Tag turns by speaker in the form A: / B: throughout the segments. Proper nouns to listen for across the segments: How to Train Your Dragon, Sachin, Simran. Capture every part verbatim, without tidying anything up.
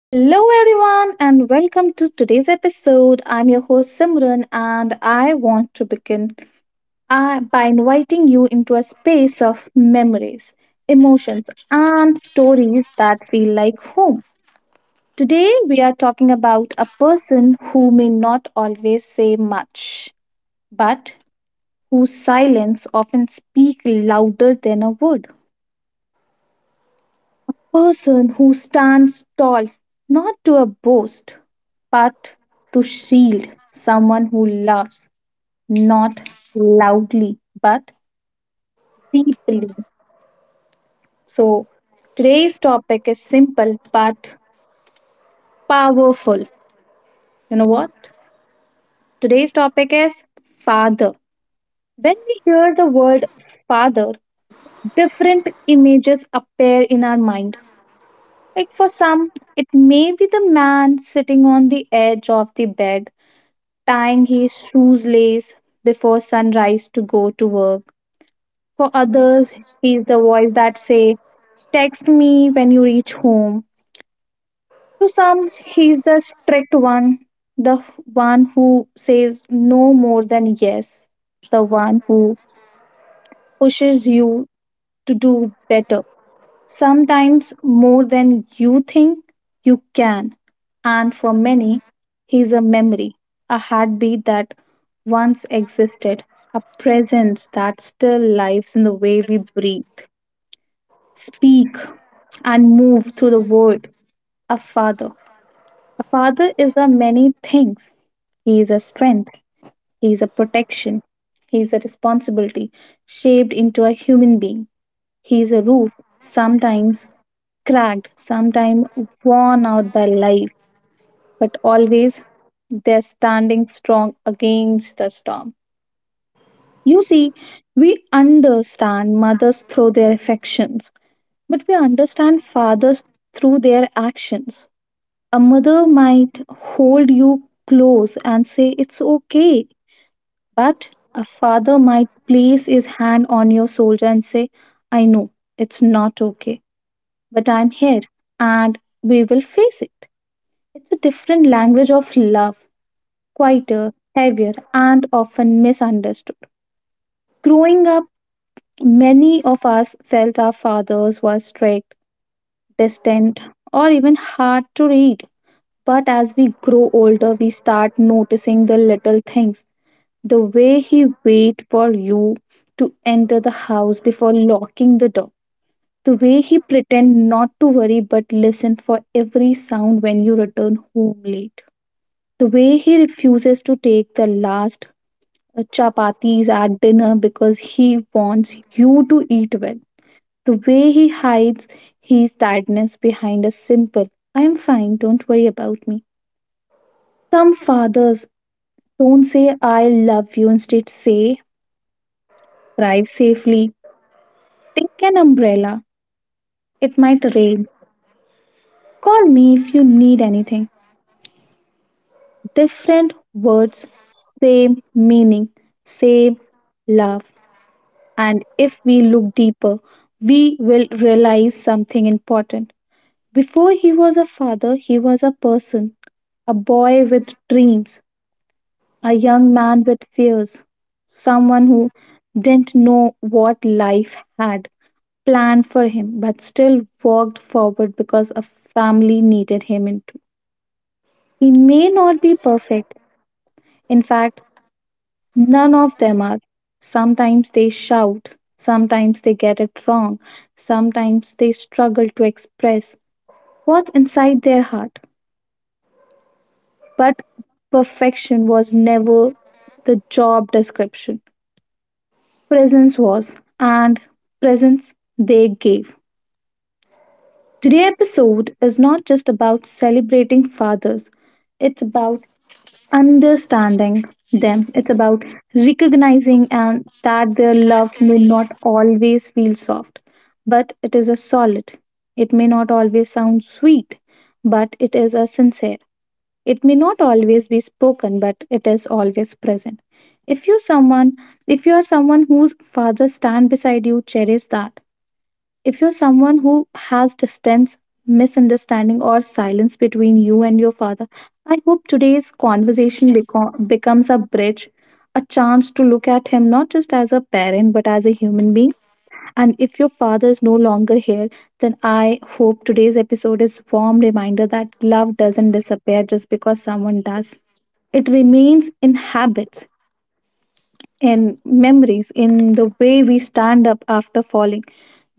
A: Hello, everyone, and welcome to today's episode. I'm your host Simran, and I want to begin uh, by inviting you into a space of memories, emotions, and stories that feel like home. Today, we are talking about a person who may not always say much, but whose silence often speaks louder than a word. Person who stands tall not to a boast but to shield someone who loves not loudly but deeply so today's topic is simple but powerful you know what today's topic is father when we hear the word father different images appear in our mind like for some it may be the man sitting on the edge of the bed tying his shoes lace before sunrise to go to work. For others, he's the voice that say, "Text me when you reach home." To some, he's the strict one, the one who says no more than yes, the one who pushes you to do better. Sometimes more than you think you can, and for many, he's a memory, a heartbeat that once existed, a presence that still lives in the way we breathe, speak, and move through the world. A father. A father is a many things. He is a strength, he is a protection, he is a responsibility shaped into a human being. He is a roof, sometimes cracked, sometimes worn out by life, but always they're standing strong against the storm. You see, we understand mothers through their affections, but we understand fathers through their actions. A mother might hold you close and say it's okay, but a father might place his hand on your shoulder and say, I know it's not okay, but I'm here and we will face it. It's a different language of love, quieter, heavier, and often misunderstood. Growing up, many of us felt our fathers were strict, distant, or even hard to read. But as we grow older, we start noticing the little things. The way he waited for you to enter the house before locking the door. The way he pretended not to worry but listened for every sound when you return home late. The way he refuses to take the last uh, chapatis at dinner because he wants you to eat well. The way he hides his tiredness behind a simple, I'm fine, don't worry about me. Some fathers don't say, I love you, instead say, drive safely, take an umbrella, it might rain, call me if you need anything. Different words, same meaning, same love. And if we look deeper, we will realize something important. Before he was a father, he was a person, a boy with dreams, a young man with fears, someone who didn't know what life had planned for him, but still walked forward because a family needed him into. He may not be perfect. In fact, none of them are. Sometimes they shout, sometimes they get it wrong, sometimes they struggle to express what's inside their heart. But perfection was never the job description, presence was, and presence they gave. Today's episode is not just about celebrating fathers, it's about understanding them. It's about recognizing and that their love may not always feel soft, but it is a solid. It may not always sound sweet, but it is a sincere. It may not always be spoken, but it is always present. If you someone if you are someone whose father stand beside you, cherish that. If you're someone who has distance, misunderstanding, or silence between you and your father, I hope today's conversation beco- becomes a bridge, a chance to look at him not just as a parent but as a human being. And if your father is no longer here, then I hope today's episode is warm reminder that love doesn't disappear just because someone does. It remains in habits, in memories, in the way we stand up after falling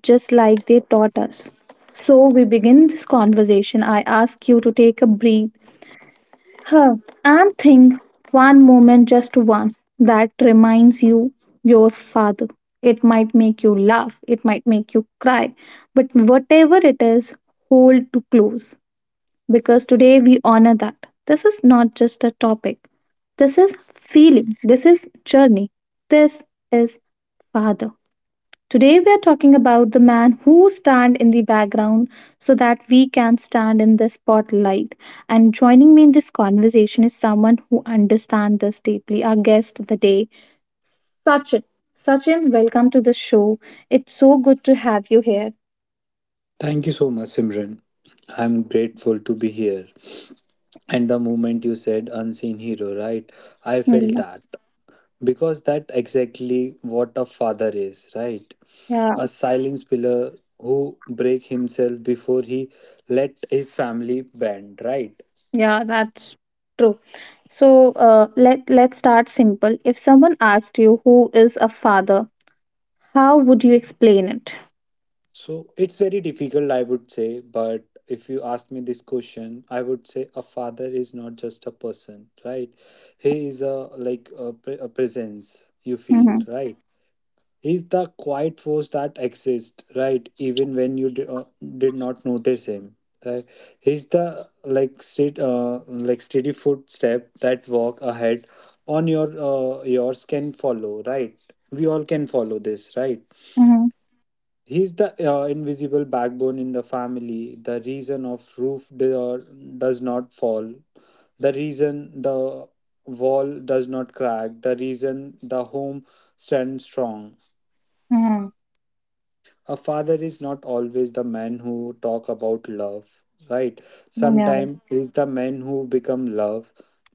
A: just like they taught us. So we begin this conversation. I ask you to take a breath, huh, and think one moment, just one, that reminds you your father. It might make you laugh, it might make you cry, but whatever it is, hold to close because today we honor that. This is not just a topic. This is feeling. This is journey. This is father. Today we are talking about the man who stand in the background so that we can stand in the spotlight. And joining me in this conversation is someone who understands this deeply, our guest of the day, Sachin. Sachin, welcome to the show. It's so good to have you here.
B: Thank you so much, Simran. I'm grateful to be here. And the moment you said unseen hero, right? I felt
A: Mm.
B: that. Because that exactly what a father is, right?
A: Yeah,
B: A silence pillar who break himself before he let his family bend, right?
A: yeah, that's true. So uh, let let's start simple. If someone asked you who is a father, how would you explain it?
B: So it's very difficult, I would say, but if you ask me this question, I would say a father is not just a person, right? He is a like a, pre- a presence you
A: Mm-hmm.
B: feel, right? He's the quiet force that exists, right? Even when you di- uh, did not notice him, right? He's the like steady, uh, like steady footstep that walk ahead on your uh, yours can follow, right? We all can follow this, right?
A: Mm-hmm.
B: He's the uh, invisible backbone in the family, the reason of roof do- or does not fall, the reason the wall does not crack, the reason the home stands strong.
A: Mm-hmm.
B: A father is not always the man who talk about love, right?
A: Yeah.
B: Sometimes is the man who become love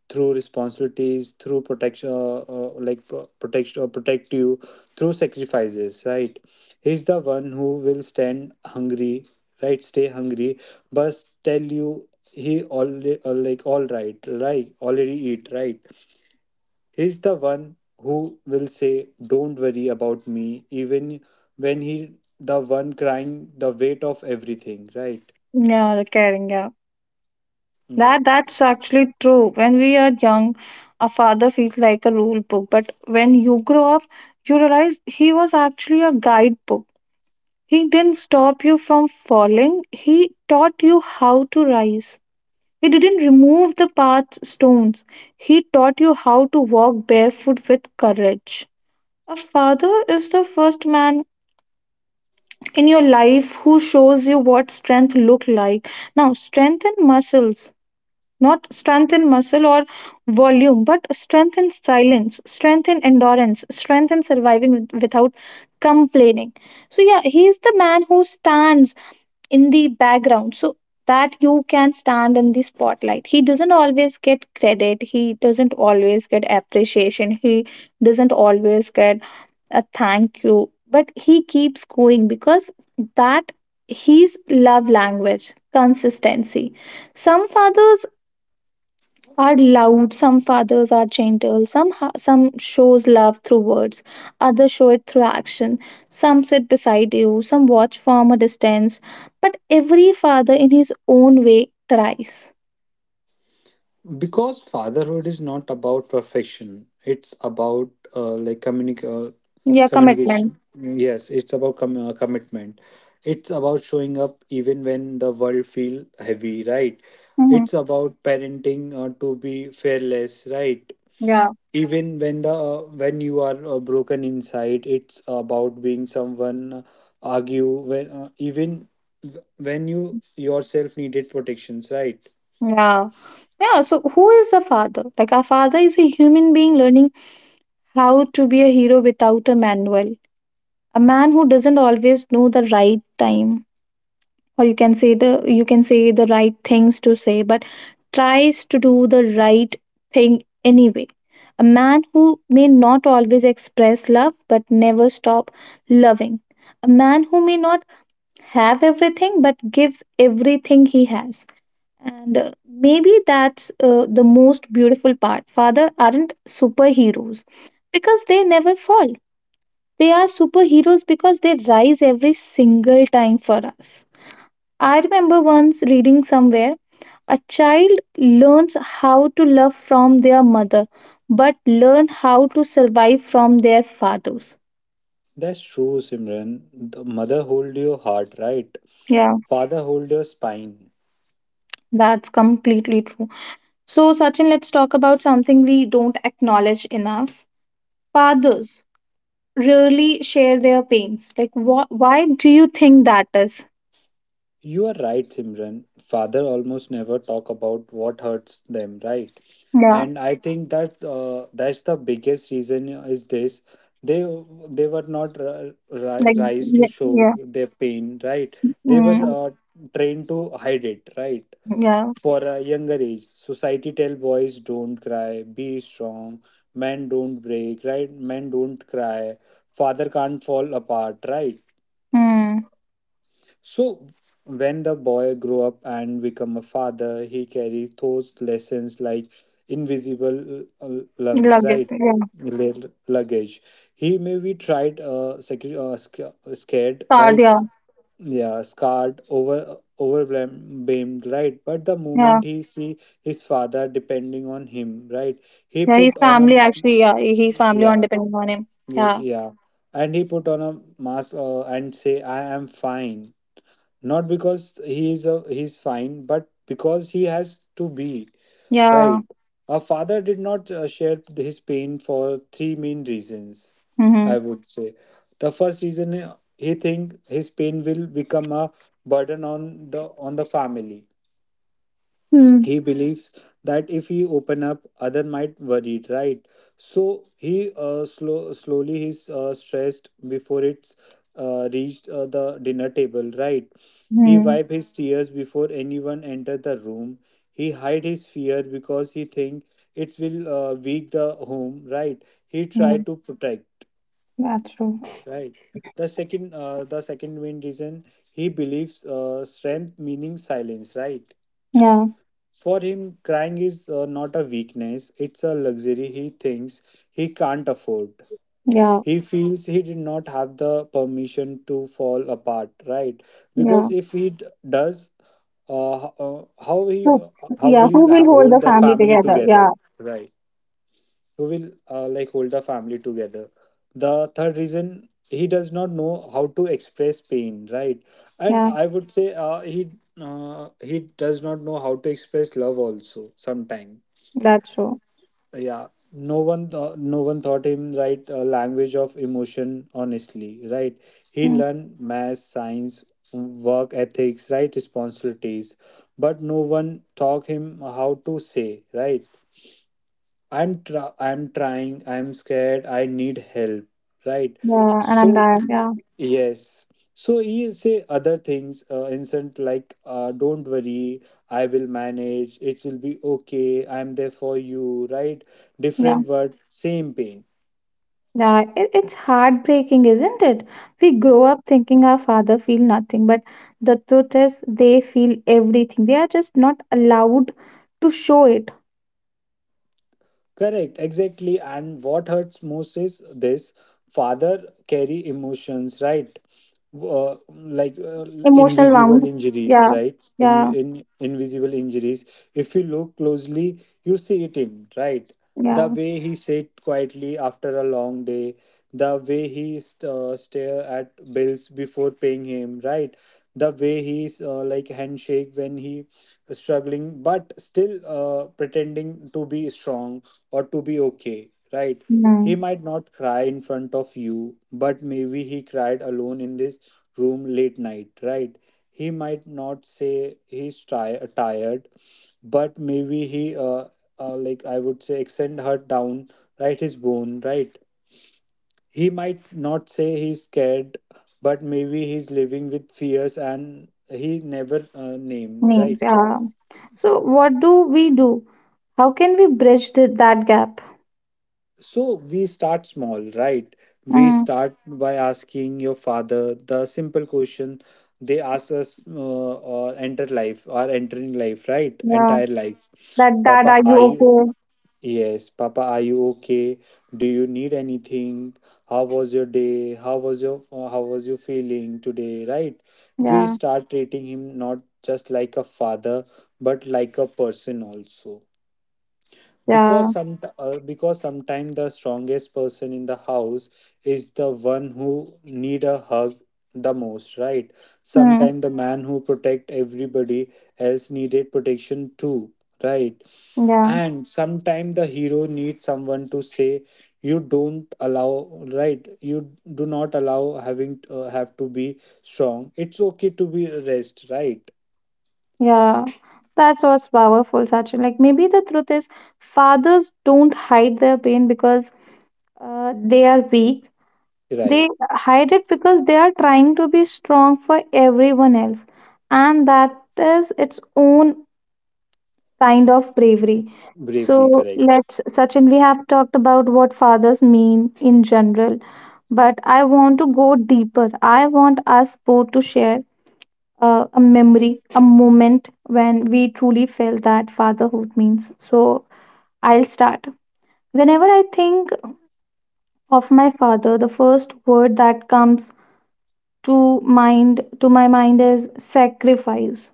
B: through responsibilities, through protection uh, uh, like pro- protection, uh, protect you through sacrifices, right? He's the one who will stand hungry, right, stay hungry, but tell you he all uh, like all right right already eat, right. He's the one who will say, "Don't worry about me," even when he the one crying the weight of everything, right?
A: Yeah, the caring, yeah. That
B: Yes.
A: that's actually true. When we are young, a father feels like a rule book, but when you grow up, you realize he was actually a guidebook. He didn't stop you from falling. He taught you how to rise. He didn't remove the path stones. He taught you how to walk barefoot with courage. A father is the first man in your life who shows you what strength look like. Now, strength and muscles. Not strength in muscle or volume, but strength in silence, strength in endurance, strength in surviving with- without complaining. So, yeah, he's the man who stands in the background. So, that you can stand in the spotlight. He doesn't always get credit. He doesn't always get appreciation. He doesn't always get a thank you. But he keeps going because that his love language, consistency. Some fathers are loud, some fathers are gentle, some ha- some shows love through words, others show it through action. Some sit beside you, some watch from a distance, but every father in his own way tries.
B: Because fatherhood is not about perfection. It's about uh, like communic uh,
A: Yeah, commitment.
B: communication. Yes, it's about com uh, commitment. It's about showing up even when the world feel heavy, right?
A: Hmm.
B: It's about parenting uh, to be fearless, right?
A: Yeah,
B: Even when the uh, when you are uh, broken inside, it's about being someone uh, argue when uh, even w- when you yourself needed protections, right?
A: yeah, yeah. So who is a father? Like our father is a human being learning how to be a hero without a manual. A man who doesn't always know the right time or you can say the you can say the right things to say but tries to do the right thing anyway, a man who may not always express love but never stop loving, a man who may not have everything but gives everything he has. And uh, maybe that's uh, the most beautiful part. Father aren't superheroes because they never fall. They are superheroes because they rise every single time for us. I remember once reading somewhere, a child learns how to love from their mother but learn how to survive from their fathers.
B: That's true, Simran. The mother hold your heart, right?
A: Yeah.
B: Father hold your spine.
A: That's completely true. So, Sachin, let's talk about something we don't acknowledge enough. Fathers rarely share their pains. Like, wh- why do you think that is?
B: You are right, Simran. Father almost never talk about what hurts them, right?
A: Yeah.
B: And I think that uh, that's the biggest reason is this: they they were not ri- ri-
A: Like
B: raised to
A: yeah.
B: show
A: Yeah.
B: their pain, right? They were
A: Mm,
B: uh, trained to hide it, right?
A: yeah.
B: For a younger age, society tell boys don't cry, be strong, men don't break, right? Men don't cry, father can't fall apart, right?
A: Mm,
B: So when the boy grow up and become a father, he carries those lessons like invisible uh, uh, lungs,
A: like it.
B: right?
A: Yeah.
B: Lug- Luggage. He may be tried, uh, sec- uh, sca- scared,
A: Sad.
B: right?
A: Yeah.
B: Yeah, scarred, over, uh, overwhelmed, right? But the
A: Yeah.
B: moment he see his father depending on him, right? He
A: Yeah, his
B: put on a,
A: family actually, yeah, his family on
B: yeah,
A: depending on him.
B: yeah,
A: Yeah,
B: yeah. And he put on a mask uh, and say, "I am fine." Not because he is a he's fine but because he has to be,
A: yeah.
B: right. A father did not uh, share his pain for three main reasons,
A: Mm-hmm.
B: I would say. The first reason, uh, he think his pain will become a burden on the on the family.
A: Hmm.
B: He believes that if he open up, other might worried, right. So he uh, slow, slowly he's uh, stressed before it's uh, reached uh, the dinner table, right. He wipe his tears before anyone enter the room. He hide his fear because he think it will uh, weak the home, right. He try
A: Hmm.
B: to protect,
A: Yeah, that's true.
B: right. The second uh, the second main reason: he believes uh, strength meaning silence, right.
A: Yeah,
B: For him, crying is uh, not a weakness, it's a luxury he thinks he can't afford.
A: yeah,
B: He feels he did not have the permission to fall apart, right?
A: yeah.
B: Because if he d- does, uh, h- uh, how he
A: Who,
B: uh, how
A: yeah,
B: will
A: who
B: h-
A: will hold the
B: hold the
A: family
B: family
A: together? Yeah,
B: together, right? Who will uh, like hold the family together. The third reason, he does not know how to express pain, right. And
A: yeah,
B: I would say, uh, he uh, he does not know how to express love also sometime.
A: that's true.
B: Yeah, no one, uh, no one taught him, right, uh, language of emotion honestly, right. He
A: Mm.
B: learned math, science, work ethics, right, responsibilities, but no one taught him how to say, right, i'm try I'm trying, I'm scared, I need help, right.
A: Yeah, and I'm
B: So
A: tired. Yeah,
B: yes. So he say other things, uh, instant like, uh, "Don't worry, I will manage, it will be okay, I'm there for you," right?
A: yeah.
B: Different word, same pain.
A: Yeah, it, it's heartbreaking, isn't it? We grow up thinking our father feel nothing, but the truth is they feel everything. They are just not allowed to show it.
B: Correct, exactly. And what hurts most is this: father carry emotions, right? Uh, like uh,
A: Emotional
B: Invisible
A: wounds.
B: injuries,
A: Yeah,
B: right? In,
A: yeah,
B: in Invisible injuries. If you look closely, you see it in, right? The
A: yeah.
B: way he sat quietly after a long day, the way he uh, stare at bills before paying him, right? The way he's uh, like handshake when he is struggling, but still uh, pretending to be strong or to be okay, right? He
A: Mm,
B: might not cry in front of you, but maybe he cried alone in this room late night, right? He might not say he's ti- tired, but maybe he, uh, uh, like I would say, extend her down, right? His bone, right? He might not say he's scared, but maybe he's living with fears and he never uh, named,
A: needs.
B: right?
A: Yeah. So what do we do? How can we bridge the, that gap?
B: So we start small, right? We
A: Mm,
B: start by asking your father the simple question they ask us, uh, or enter life or entering life, right?
A: yeah.
B: Entire life.
A: That dad,
B: Papa,
A: are you
B: are you?
A: okay?
B: Yes, Papa, are you okay? Do you need anything? How was your day? How was your uh, how was you feeling today, right? We
A: Yeah.
B: start treating him not just like a father, but like a person also, because
A: Yeah.
B: some uh, because sometimes the strongest person in the house is the one who need a hug the most, right.
A: Mm,
B: Sometimes the man who protect everybody else needed protection too, right.
A: yeah.
B: And sometimes the hero needs someone to say you don't allow, right, you do not allow having uh, have to be strong, it's okay to be rest, right.
A: Yeah. That's what's powerful, Sachin. Like maybe the truth is fathers don't hide their pain because uh, they are weak.
B: Right.
A: They hide it because they are trying to be strong for everyone else. And that is its own kind of bravery.
B: Bravery,
A: So
B: correct,
A: let's, Sachin, we have talked about what fathers mean in general, but I want to go deeper. I want us both to share uh, a memory, a moment when we truly felt that fatherhood means. So I'll start. Whenever I think of my father, the first word that comes to mind to my mind is sacrifice.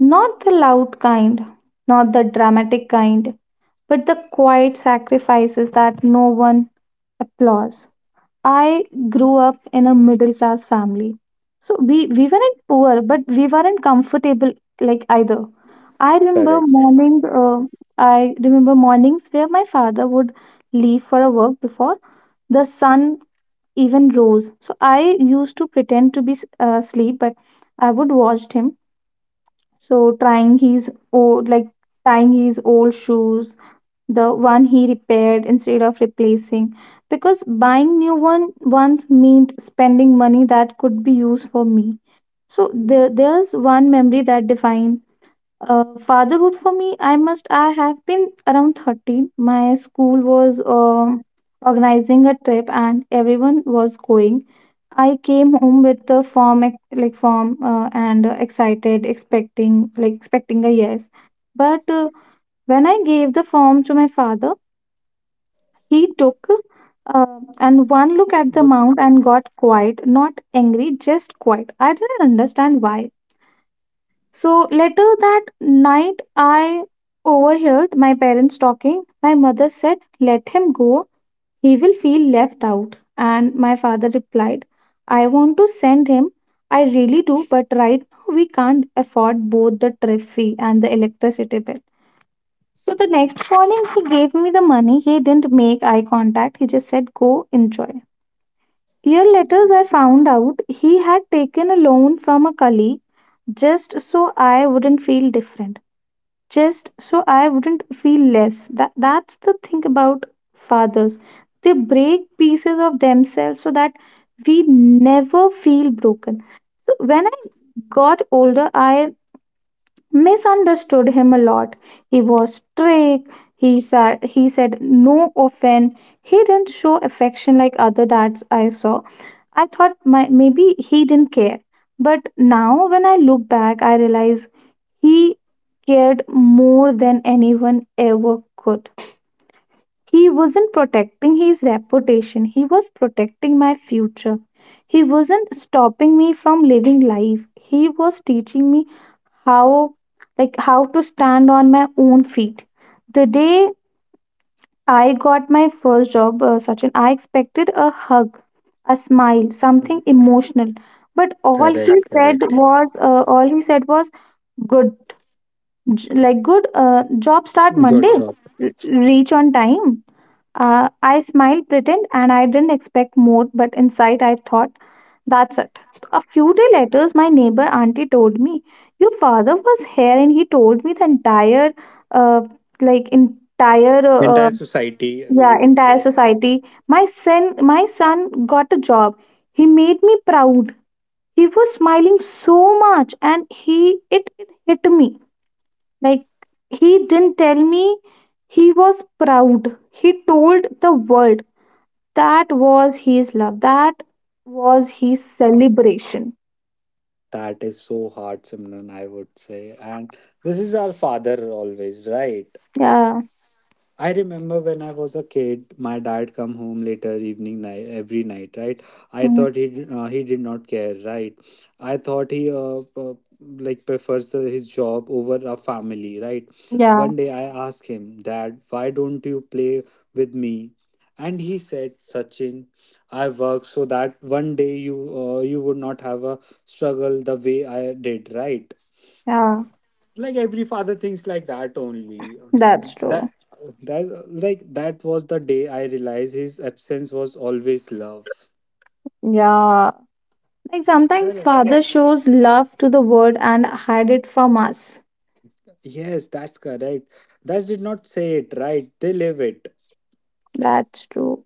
A: Not the loud kind, not the dramatic kind but the quiet sacrifices that no one applauds. I grew up in a middle class family. So we, we weren't poor, but we weren't comfortable like either. I remember
B: correct.
A: morning uh, I remember mornings where my father would leave for a work before the sun even rose. So I used to pretend to be s- uh, asleep, but I would watch him. So trying his old like tying his old shoes, the one he repaired instead of replacing, because buying new one once meant spending money that could be used for me. So there, there's one memory that defines uh, fatherhood for me. I must i have been around thirteen. My school was uh, organizing a trip and everyone was going. I came home with the form ex- like form uh, and uh, excited, expecting like expecting a yes, but uh, when I gave the form to my father, he took uh, and one look at the
B: But-
A: mount and got quiet, not angry, just quiet. I didn't understand why. So later that night, I overheard my parents talking. My mother said, "Let him go, he will feel left out." And my father replied, "I want to send him. I really do, but right now we can't afford both the trip fee and the electricity bill." So the next morning, he gave me the money. He didn't make eye contact. He just said, "Go enjoy." Year later, I found out he had taken a loan from a colleague just so I wouldn't feel different, just so I wouldn't feel less. That, that's the thing about fathers. They break pieces of themselves so that we never feel broken. So when I got older, I misunderstood him a lot. He was strict. He said he said no often. He didn't show affection like other dads I saw. I thought my, maybe he didn't care. But now when I look back, I realize he cared more than anyone ever could. He wasn't protecting his reputation. He was protecting my future. He wasn't stopping me from living life. He was teaching me how like how to stand on my own feet. The day I got my first job, uh, Sachin, I expected a hug, a smile, something emotional. But all he
B: Correct,
A: said
B: correct.
A: was, uh, all he said was, "Good, j- like good. Uh, job start
B: Good
A: Monday.
B: job.
A: R- reach on time." Uh, I smiled, pretend, and I didn't expect more, but inside I thought, that's it. A few days later, my neighbor auntie told me, "Your father was here and he told me the entire, uh, like, entire, uh,
B: Entire society,
A: yeah,
B: you would
A: entire
B: say.
A: society. My son, my son got a job. He made me proud." He was smiling so much and he, it, it hit me. Like, he didn't tell me he was proud. He told the world. That was his love. That was his celebration.
B: That is so hard, Simran, I would say. And this is our father always, right?
A: Yeah.
B: I remember when I was a kid, my dad come home later evening night every night, right? I
A: Mm.
B: thought he did- uh, he did not care, right? I thought he uh, uh, like prefers the, his job over a family, right?
A: Yeah.
B: One day I asked him, "Dad, why don't you play with me?" And he said, "Sachin, I work so that one day you uh, you would not have a struggle the way I did," right?
A: Yeah.
B: Like every father thinks like that only.
A: That's true.
B: that that like that was the day I realized his absence was always love.
A: Yeah. Like sometimes
B: Correct.
A: father shows love to the world and hide it from us.
B: Yes, that's correct. That did not say it, right, they live it.
A: That's true.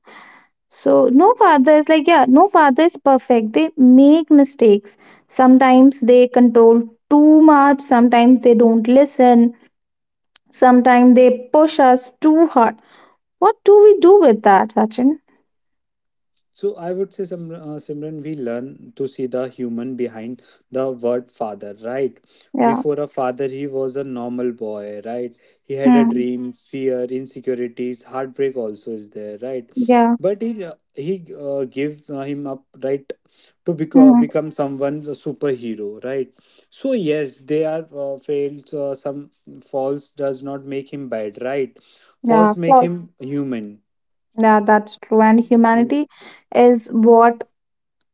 A: So no father is like, yeah, no father is perfect. They make mistakes. Sometimes they control too much. Sometimes they don't listen. Sometimes they push us too hard. What do we do with that, Sachin?
B: So I would say, Simr- uh, Simran, we learn to see the human behind the word "father", right?
A: Yeah.
B: Before a father, he was a normal boy, right? He had a
A: Hmm.
B: dream, fear, insecurities, heartbreak also is there, right?
A: Yeah.
B: But he uh, he uh, gave uh, him up, right, to beco-
A: Mhm.
B: become someone's a superhero, right? So yes, they are uh, failed. Uh, some false does not make him bad, right?
A: Yeah,
B: False
A: of
B: make
A: course.
B: him human.
A: Yeah, that's true. And
B: Mm.
A: humanity is what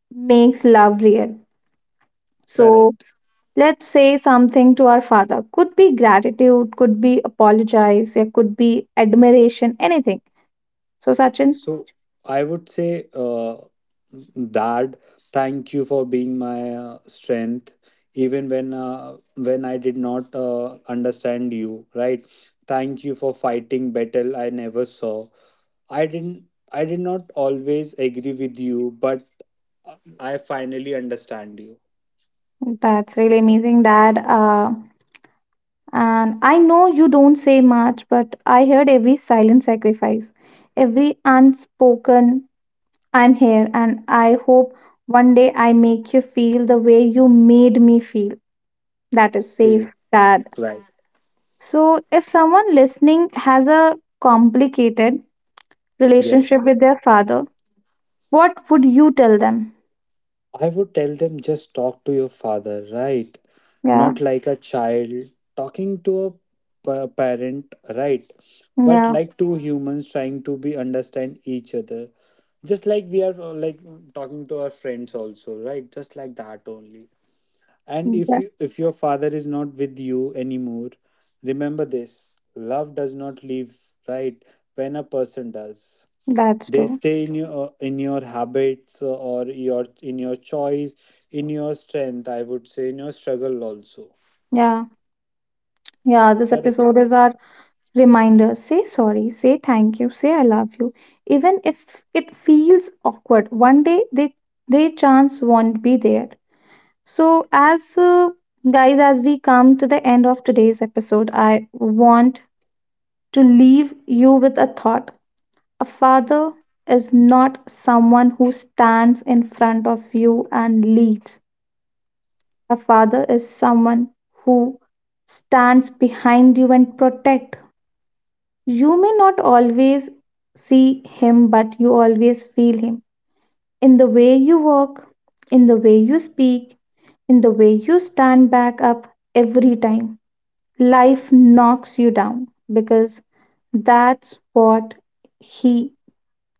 A: makes love real. So
B: Correct.
A: let's say something to our father. Could be gratitude, could be apologize, it could be admiration, anything. So Sachin,
B: So I would say uh, that thank you for being my uh, strength even when uh, when I did not uh, understand you, right. Thank you for fighting battle I never saw. I didn't I did not always agree with you, but uh, I finally understand you.
A: that's really amazing that uh, and I know you don't say much, but I heard every silent sacrifice, every unspoken I'm here, and I hope one day I make you feel the way you made me feel, that is safe.
B: Safe,
A: That,
B: right.
A: so if someone listening has a complicated relationship
B: Yes.
A: with their father, what would you tell them?
B: I would tell them just talk to your father, right?
A: Yeah.
B: Not like a child talking to a pa- parent, right? But
A: Yeah.
B: like two humans trying to be understand each other. Just like we are uh, like talking to our friends also, right? Just like that only. And if
A: that,
B: you, if your father is not with you anymore, remember this: love does not leave, right? When a person does,
A: that's
B: they
A: true.
B: stay in your, in your habits, uh, or your in your choice, in your strength, I would say, in your struggle also.
A: Yeah. Yeah, this
B: Correct.
A: episode is our reminder. Say sorry, say thank you, say I love you, even if it feels awkward. One day they they chance won't be there. So as uh, guys, as we come to the end of today's episode, I want to leave you with a thought. A father is not someone who stands in front of you and leads. A father is someone who stands behind you and protect. You may not always see him, but you always feel him. In the way you walk, in the way you speak, in the way you stand back up every time. Life knocks you down because that's what he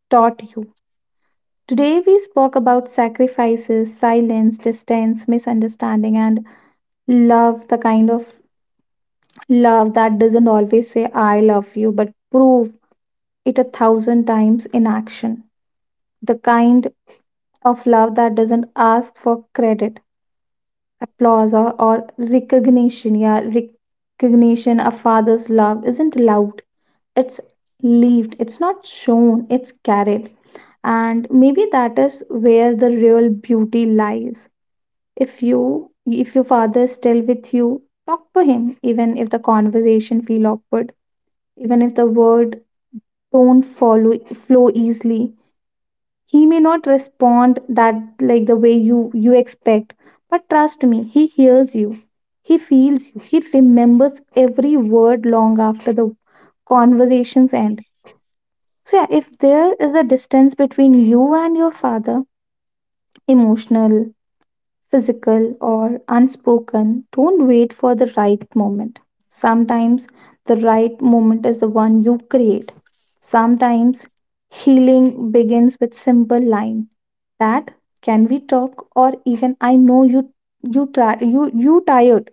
A: taught you. Today, we spoke about sacrifices, silence, distance, misunderstanding, and love, the kind of love that doesn't always say, "I love you," but prove it a thousand times in action. The kind of love that doesn't ask for credit, applause, or, or recognition. Yeah, recognition. A father's love isn't loud, it's lived, it's not shown, it's carried, and maybe that is where the real beauty lies. If you, if your father is still with you, talk to him, even if the conversation feel awkward, even if the word don't follow, flow easily. He may not respond that, like the way you you expect, but trust me, he hears you, he feels you, he remembers every word long after the conversations end. So yeah, if there is a distance between you and your father, emotional, physical or unspoken, don't wait for the right moment. Sometimes the right moment is the one you create. Sometimes healing begins with simple line, that can we talk, or even I know you you try, you you tired.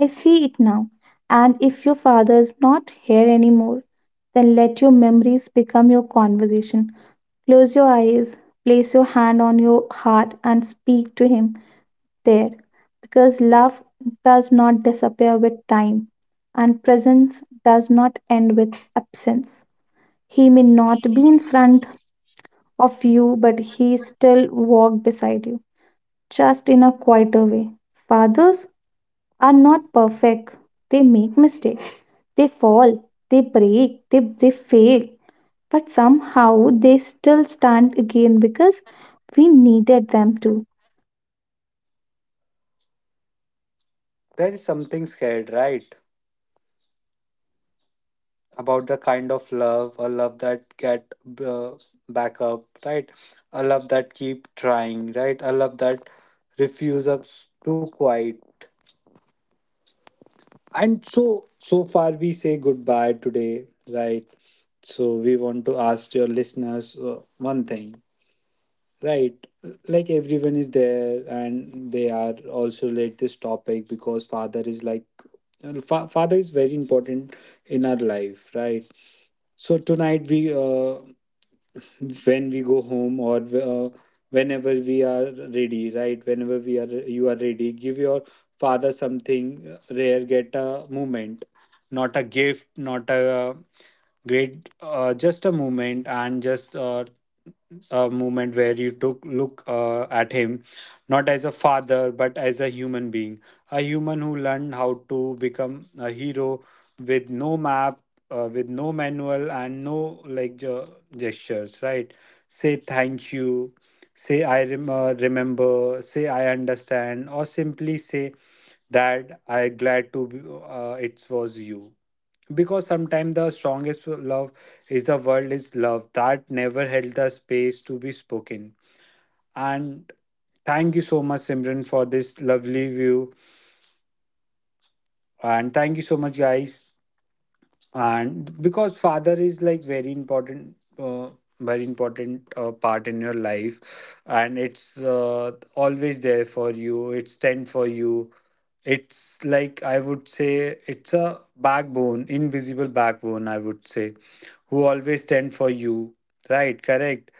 A: I see it now. And if your father is not here anymore, then let your memories become your conversation. Close your eyes, place your hand on your heart, and speak to him there, because love does not disappear with time and presence does not end with absence. He may not be in front of you, but he still walks beside you, just in a quieter way. Fathers are not perfect, they make mistakes, they fall, they break, they, they fail, but somehow they still stand again.
B: There is something scared, right? About the kind of love, a love that get uh, back up, right? A love that keep trying, right? A love that refuses to quiet. And so, so far we say goodbye today, right. So we want to ask your listeners uh, one thing. Right. Like everyone is there and they are also late this topic because father is like uh, fa- father is very important in our life, right? So tonight we uh, when we go home or uh, whenever we are ready, right, whenever we are, you are ready, give your father something uh, rare, get a moment, not a gift, not a uh, great, uh, just a moment, and just uh, a moment where you took look uh, at him not as a father but as a human being, a human who learned how to become a hero with no map, uh, with no manual, and no like ge- gestures, right? Say thank you, say I rem- uh, remember, say I understand, or simply say that I glad to be, uh, it was you. Because sometimes the strongest love is the world is love that never held the space to be spoken. And thank you so much, Simran, for this lovely view. And thank you so much, guys. And because father is like very important, uh, very important uh, part in your life, and it's uh, always there for you, it's stand for you, it's like, I would say, it's a backbone, invisible backbone, I would say, who always stand for you, right, correct.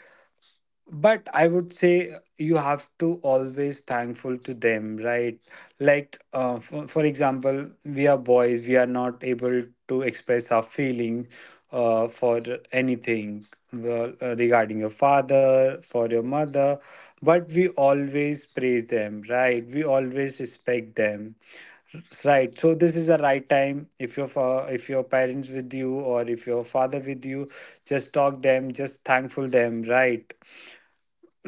B: But I would say uh, you have to always thankful to them, right. Like uh, for, for example, we are boys, we are not able to express our feeling uh, for anything, well, uh, regarding your father, for your mother, but we always praise them, right, we always respect them, right. So this is a right time, if your fa- if your parents with you or if your father with you, just talk them, just thankful them, right.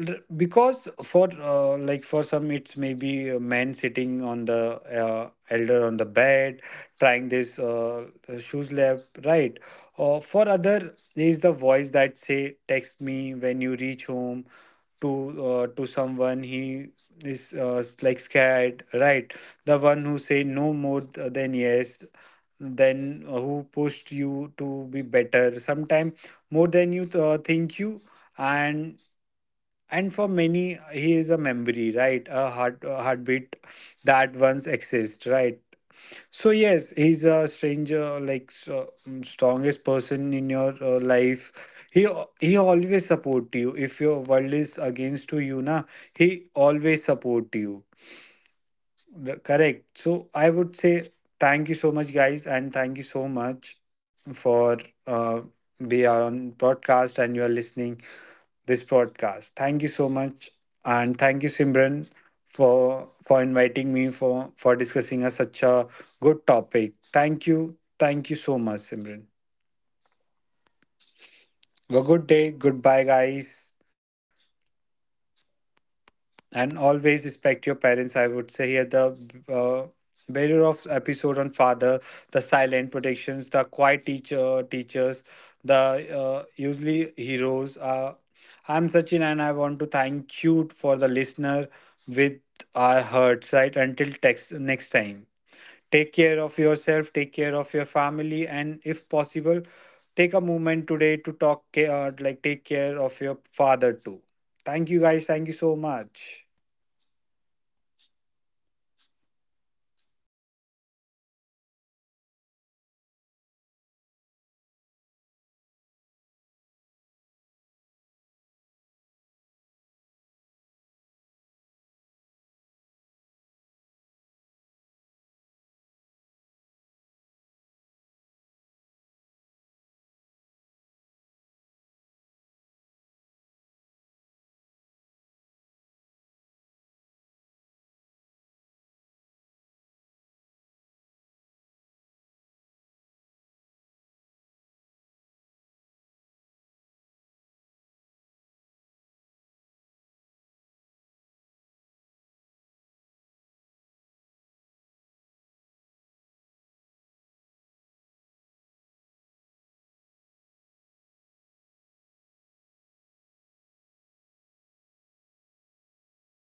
B: L- because for, uh, like for some, it's maybe a man sitting on the uh, elder on the bed, trying this uh, shoes lab, right. Uh, for other is the voice that say, "Text me when you reach home," to uh, to someone he is uh, s- like scared, right. The one who say no more th- than yes, then uh, who pushed you to be better sometime more than you th- uh, think you. and and for many he is a memory, right, a heart, a heartbeat that once exists, right. So yes, he's a stranger like so, mm, strongest person in your uh, life. He al- he always support you if your world is against to you na, he always support you. The- correct. So I would say thank you so much, guys, and thank you so much for uh, be on podcast and you are listening this podcast. Thank you so much, and thank you, Simran, for for inviting me for for discussing a, such a good topic. Thank you, thank you so much, Simran. Have a good day. Goodbye, guys. And always respect your parents, I would say. Here the uh, barrier of episode on father, the silent protections, the quiet teacher teachers, the uh, usually heroes. uh, I'm Sachin and I want to thank you for the listener with our hearts, right. Until text next time, take care of yourself, take care of your family, and if possible, take a moment today to talk ca- uh, like take care of your father too. Thank you guys, thank you so much.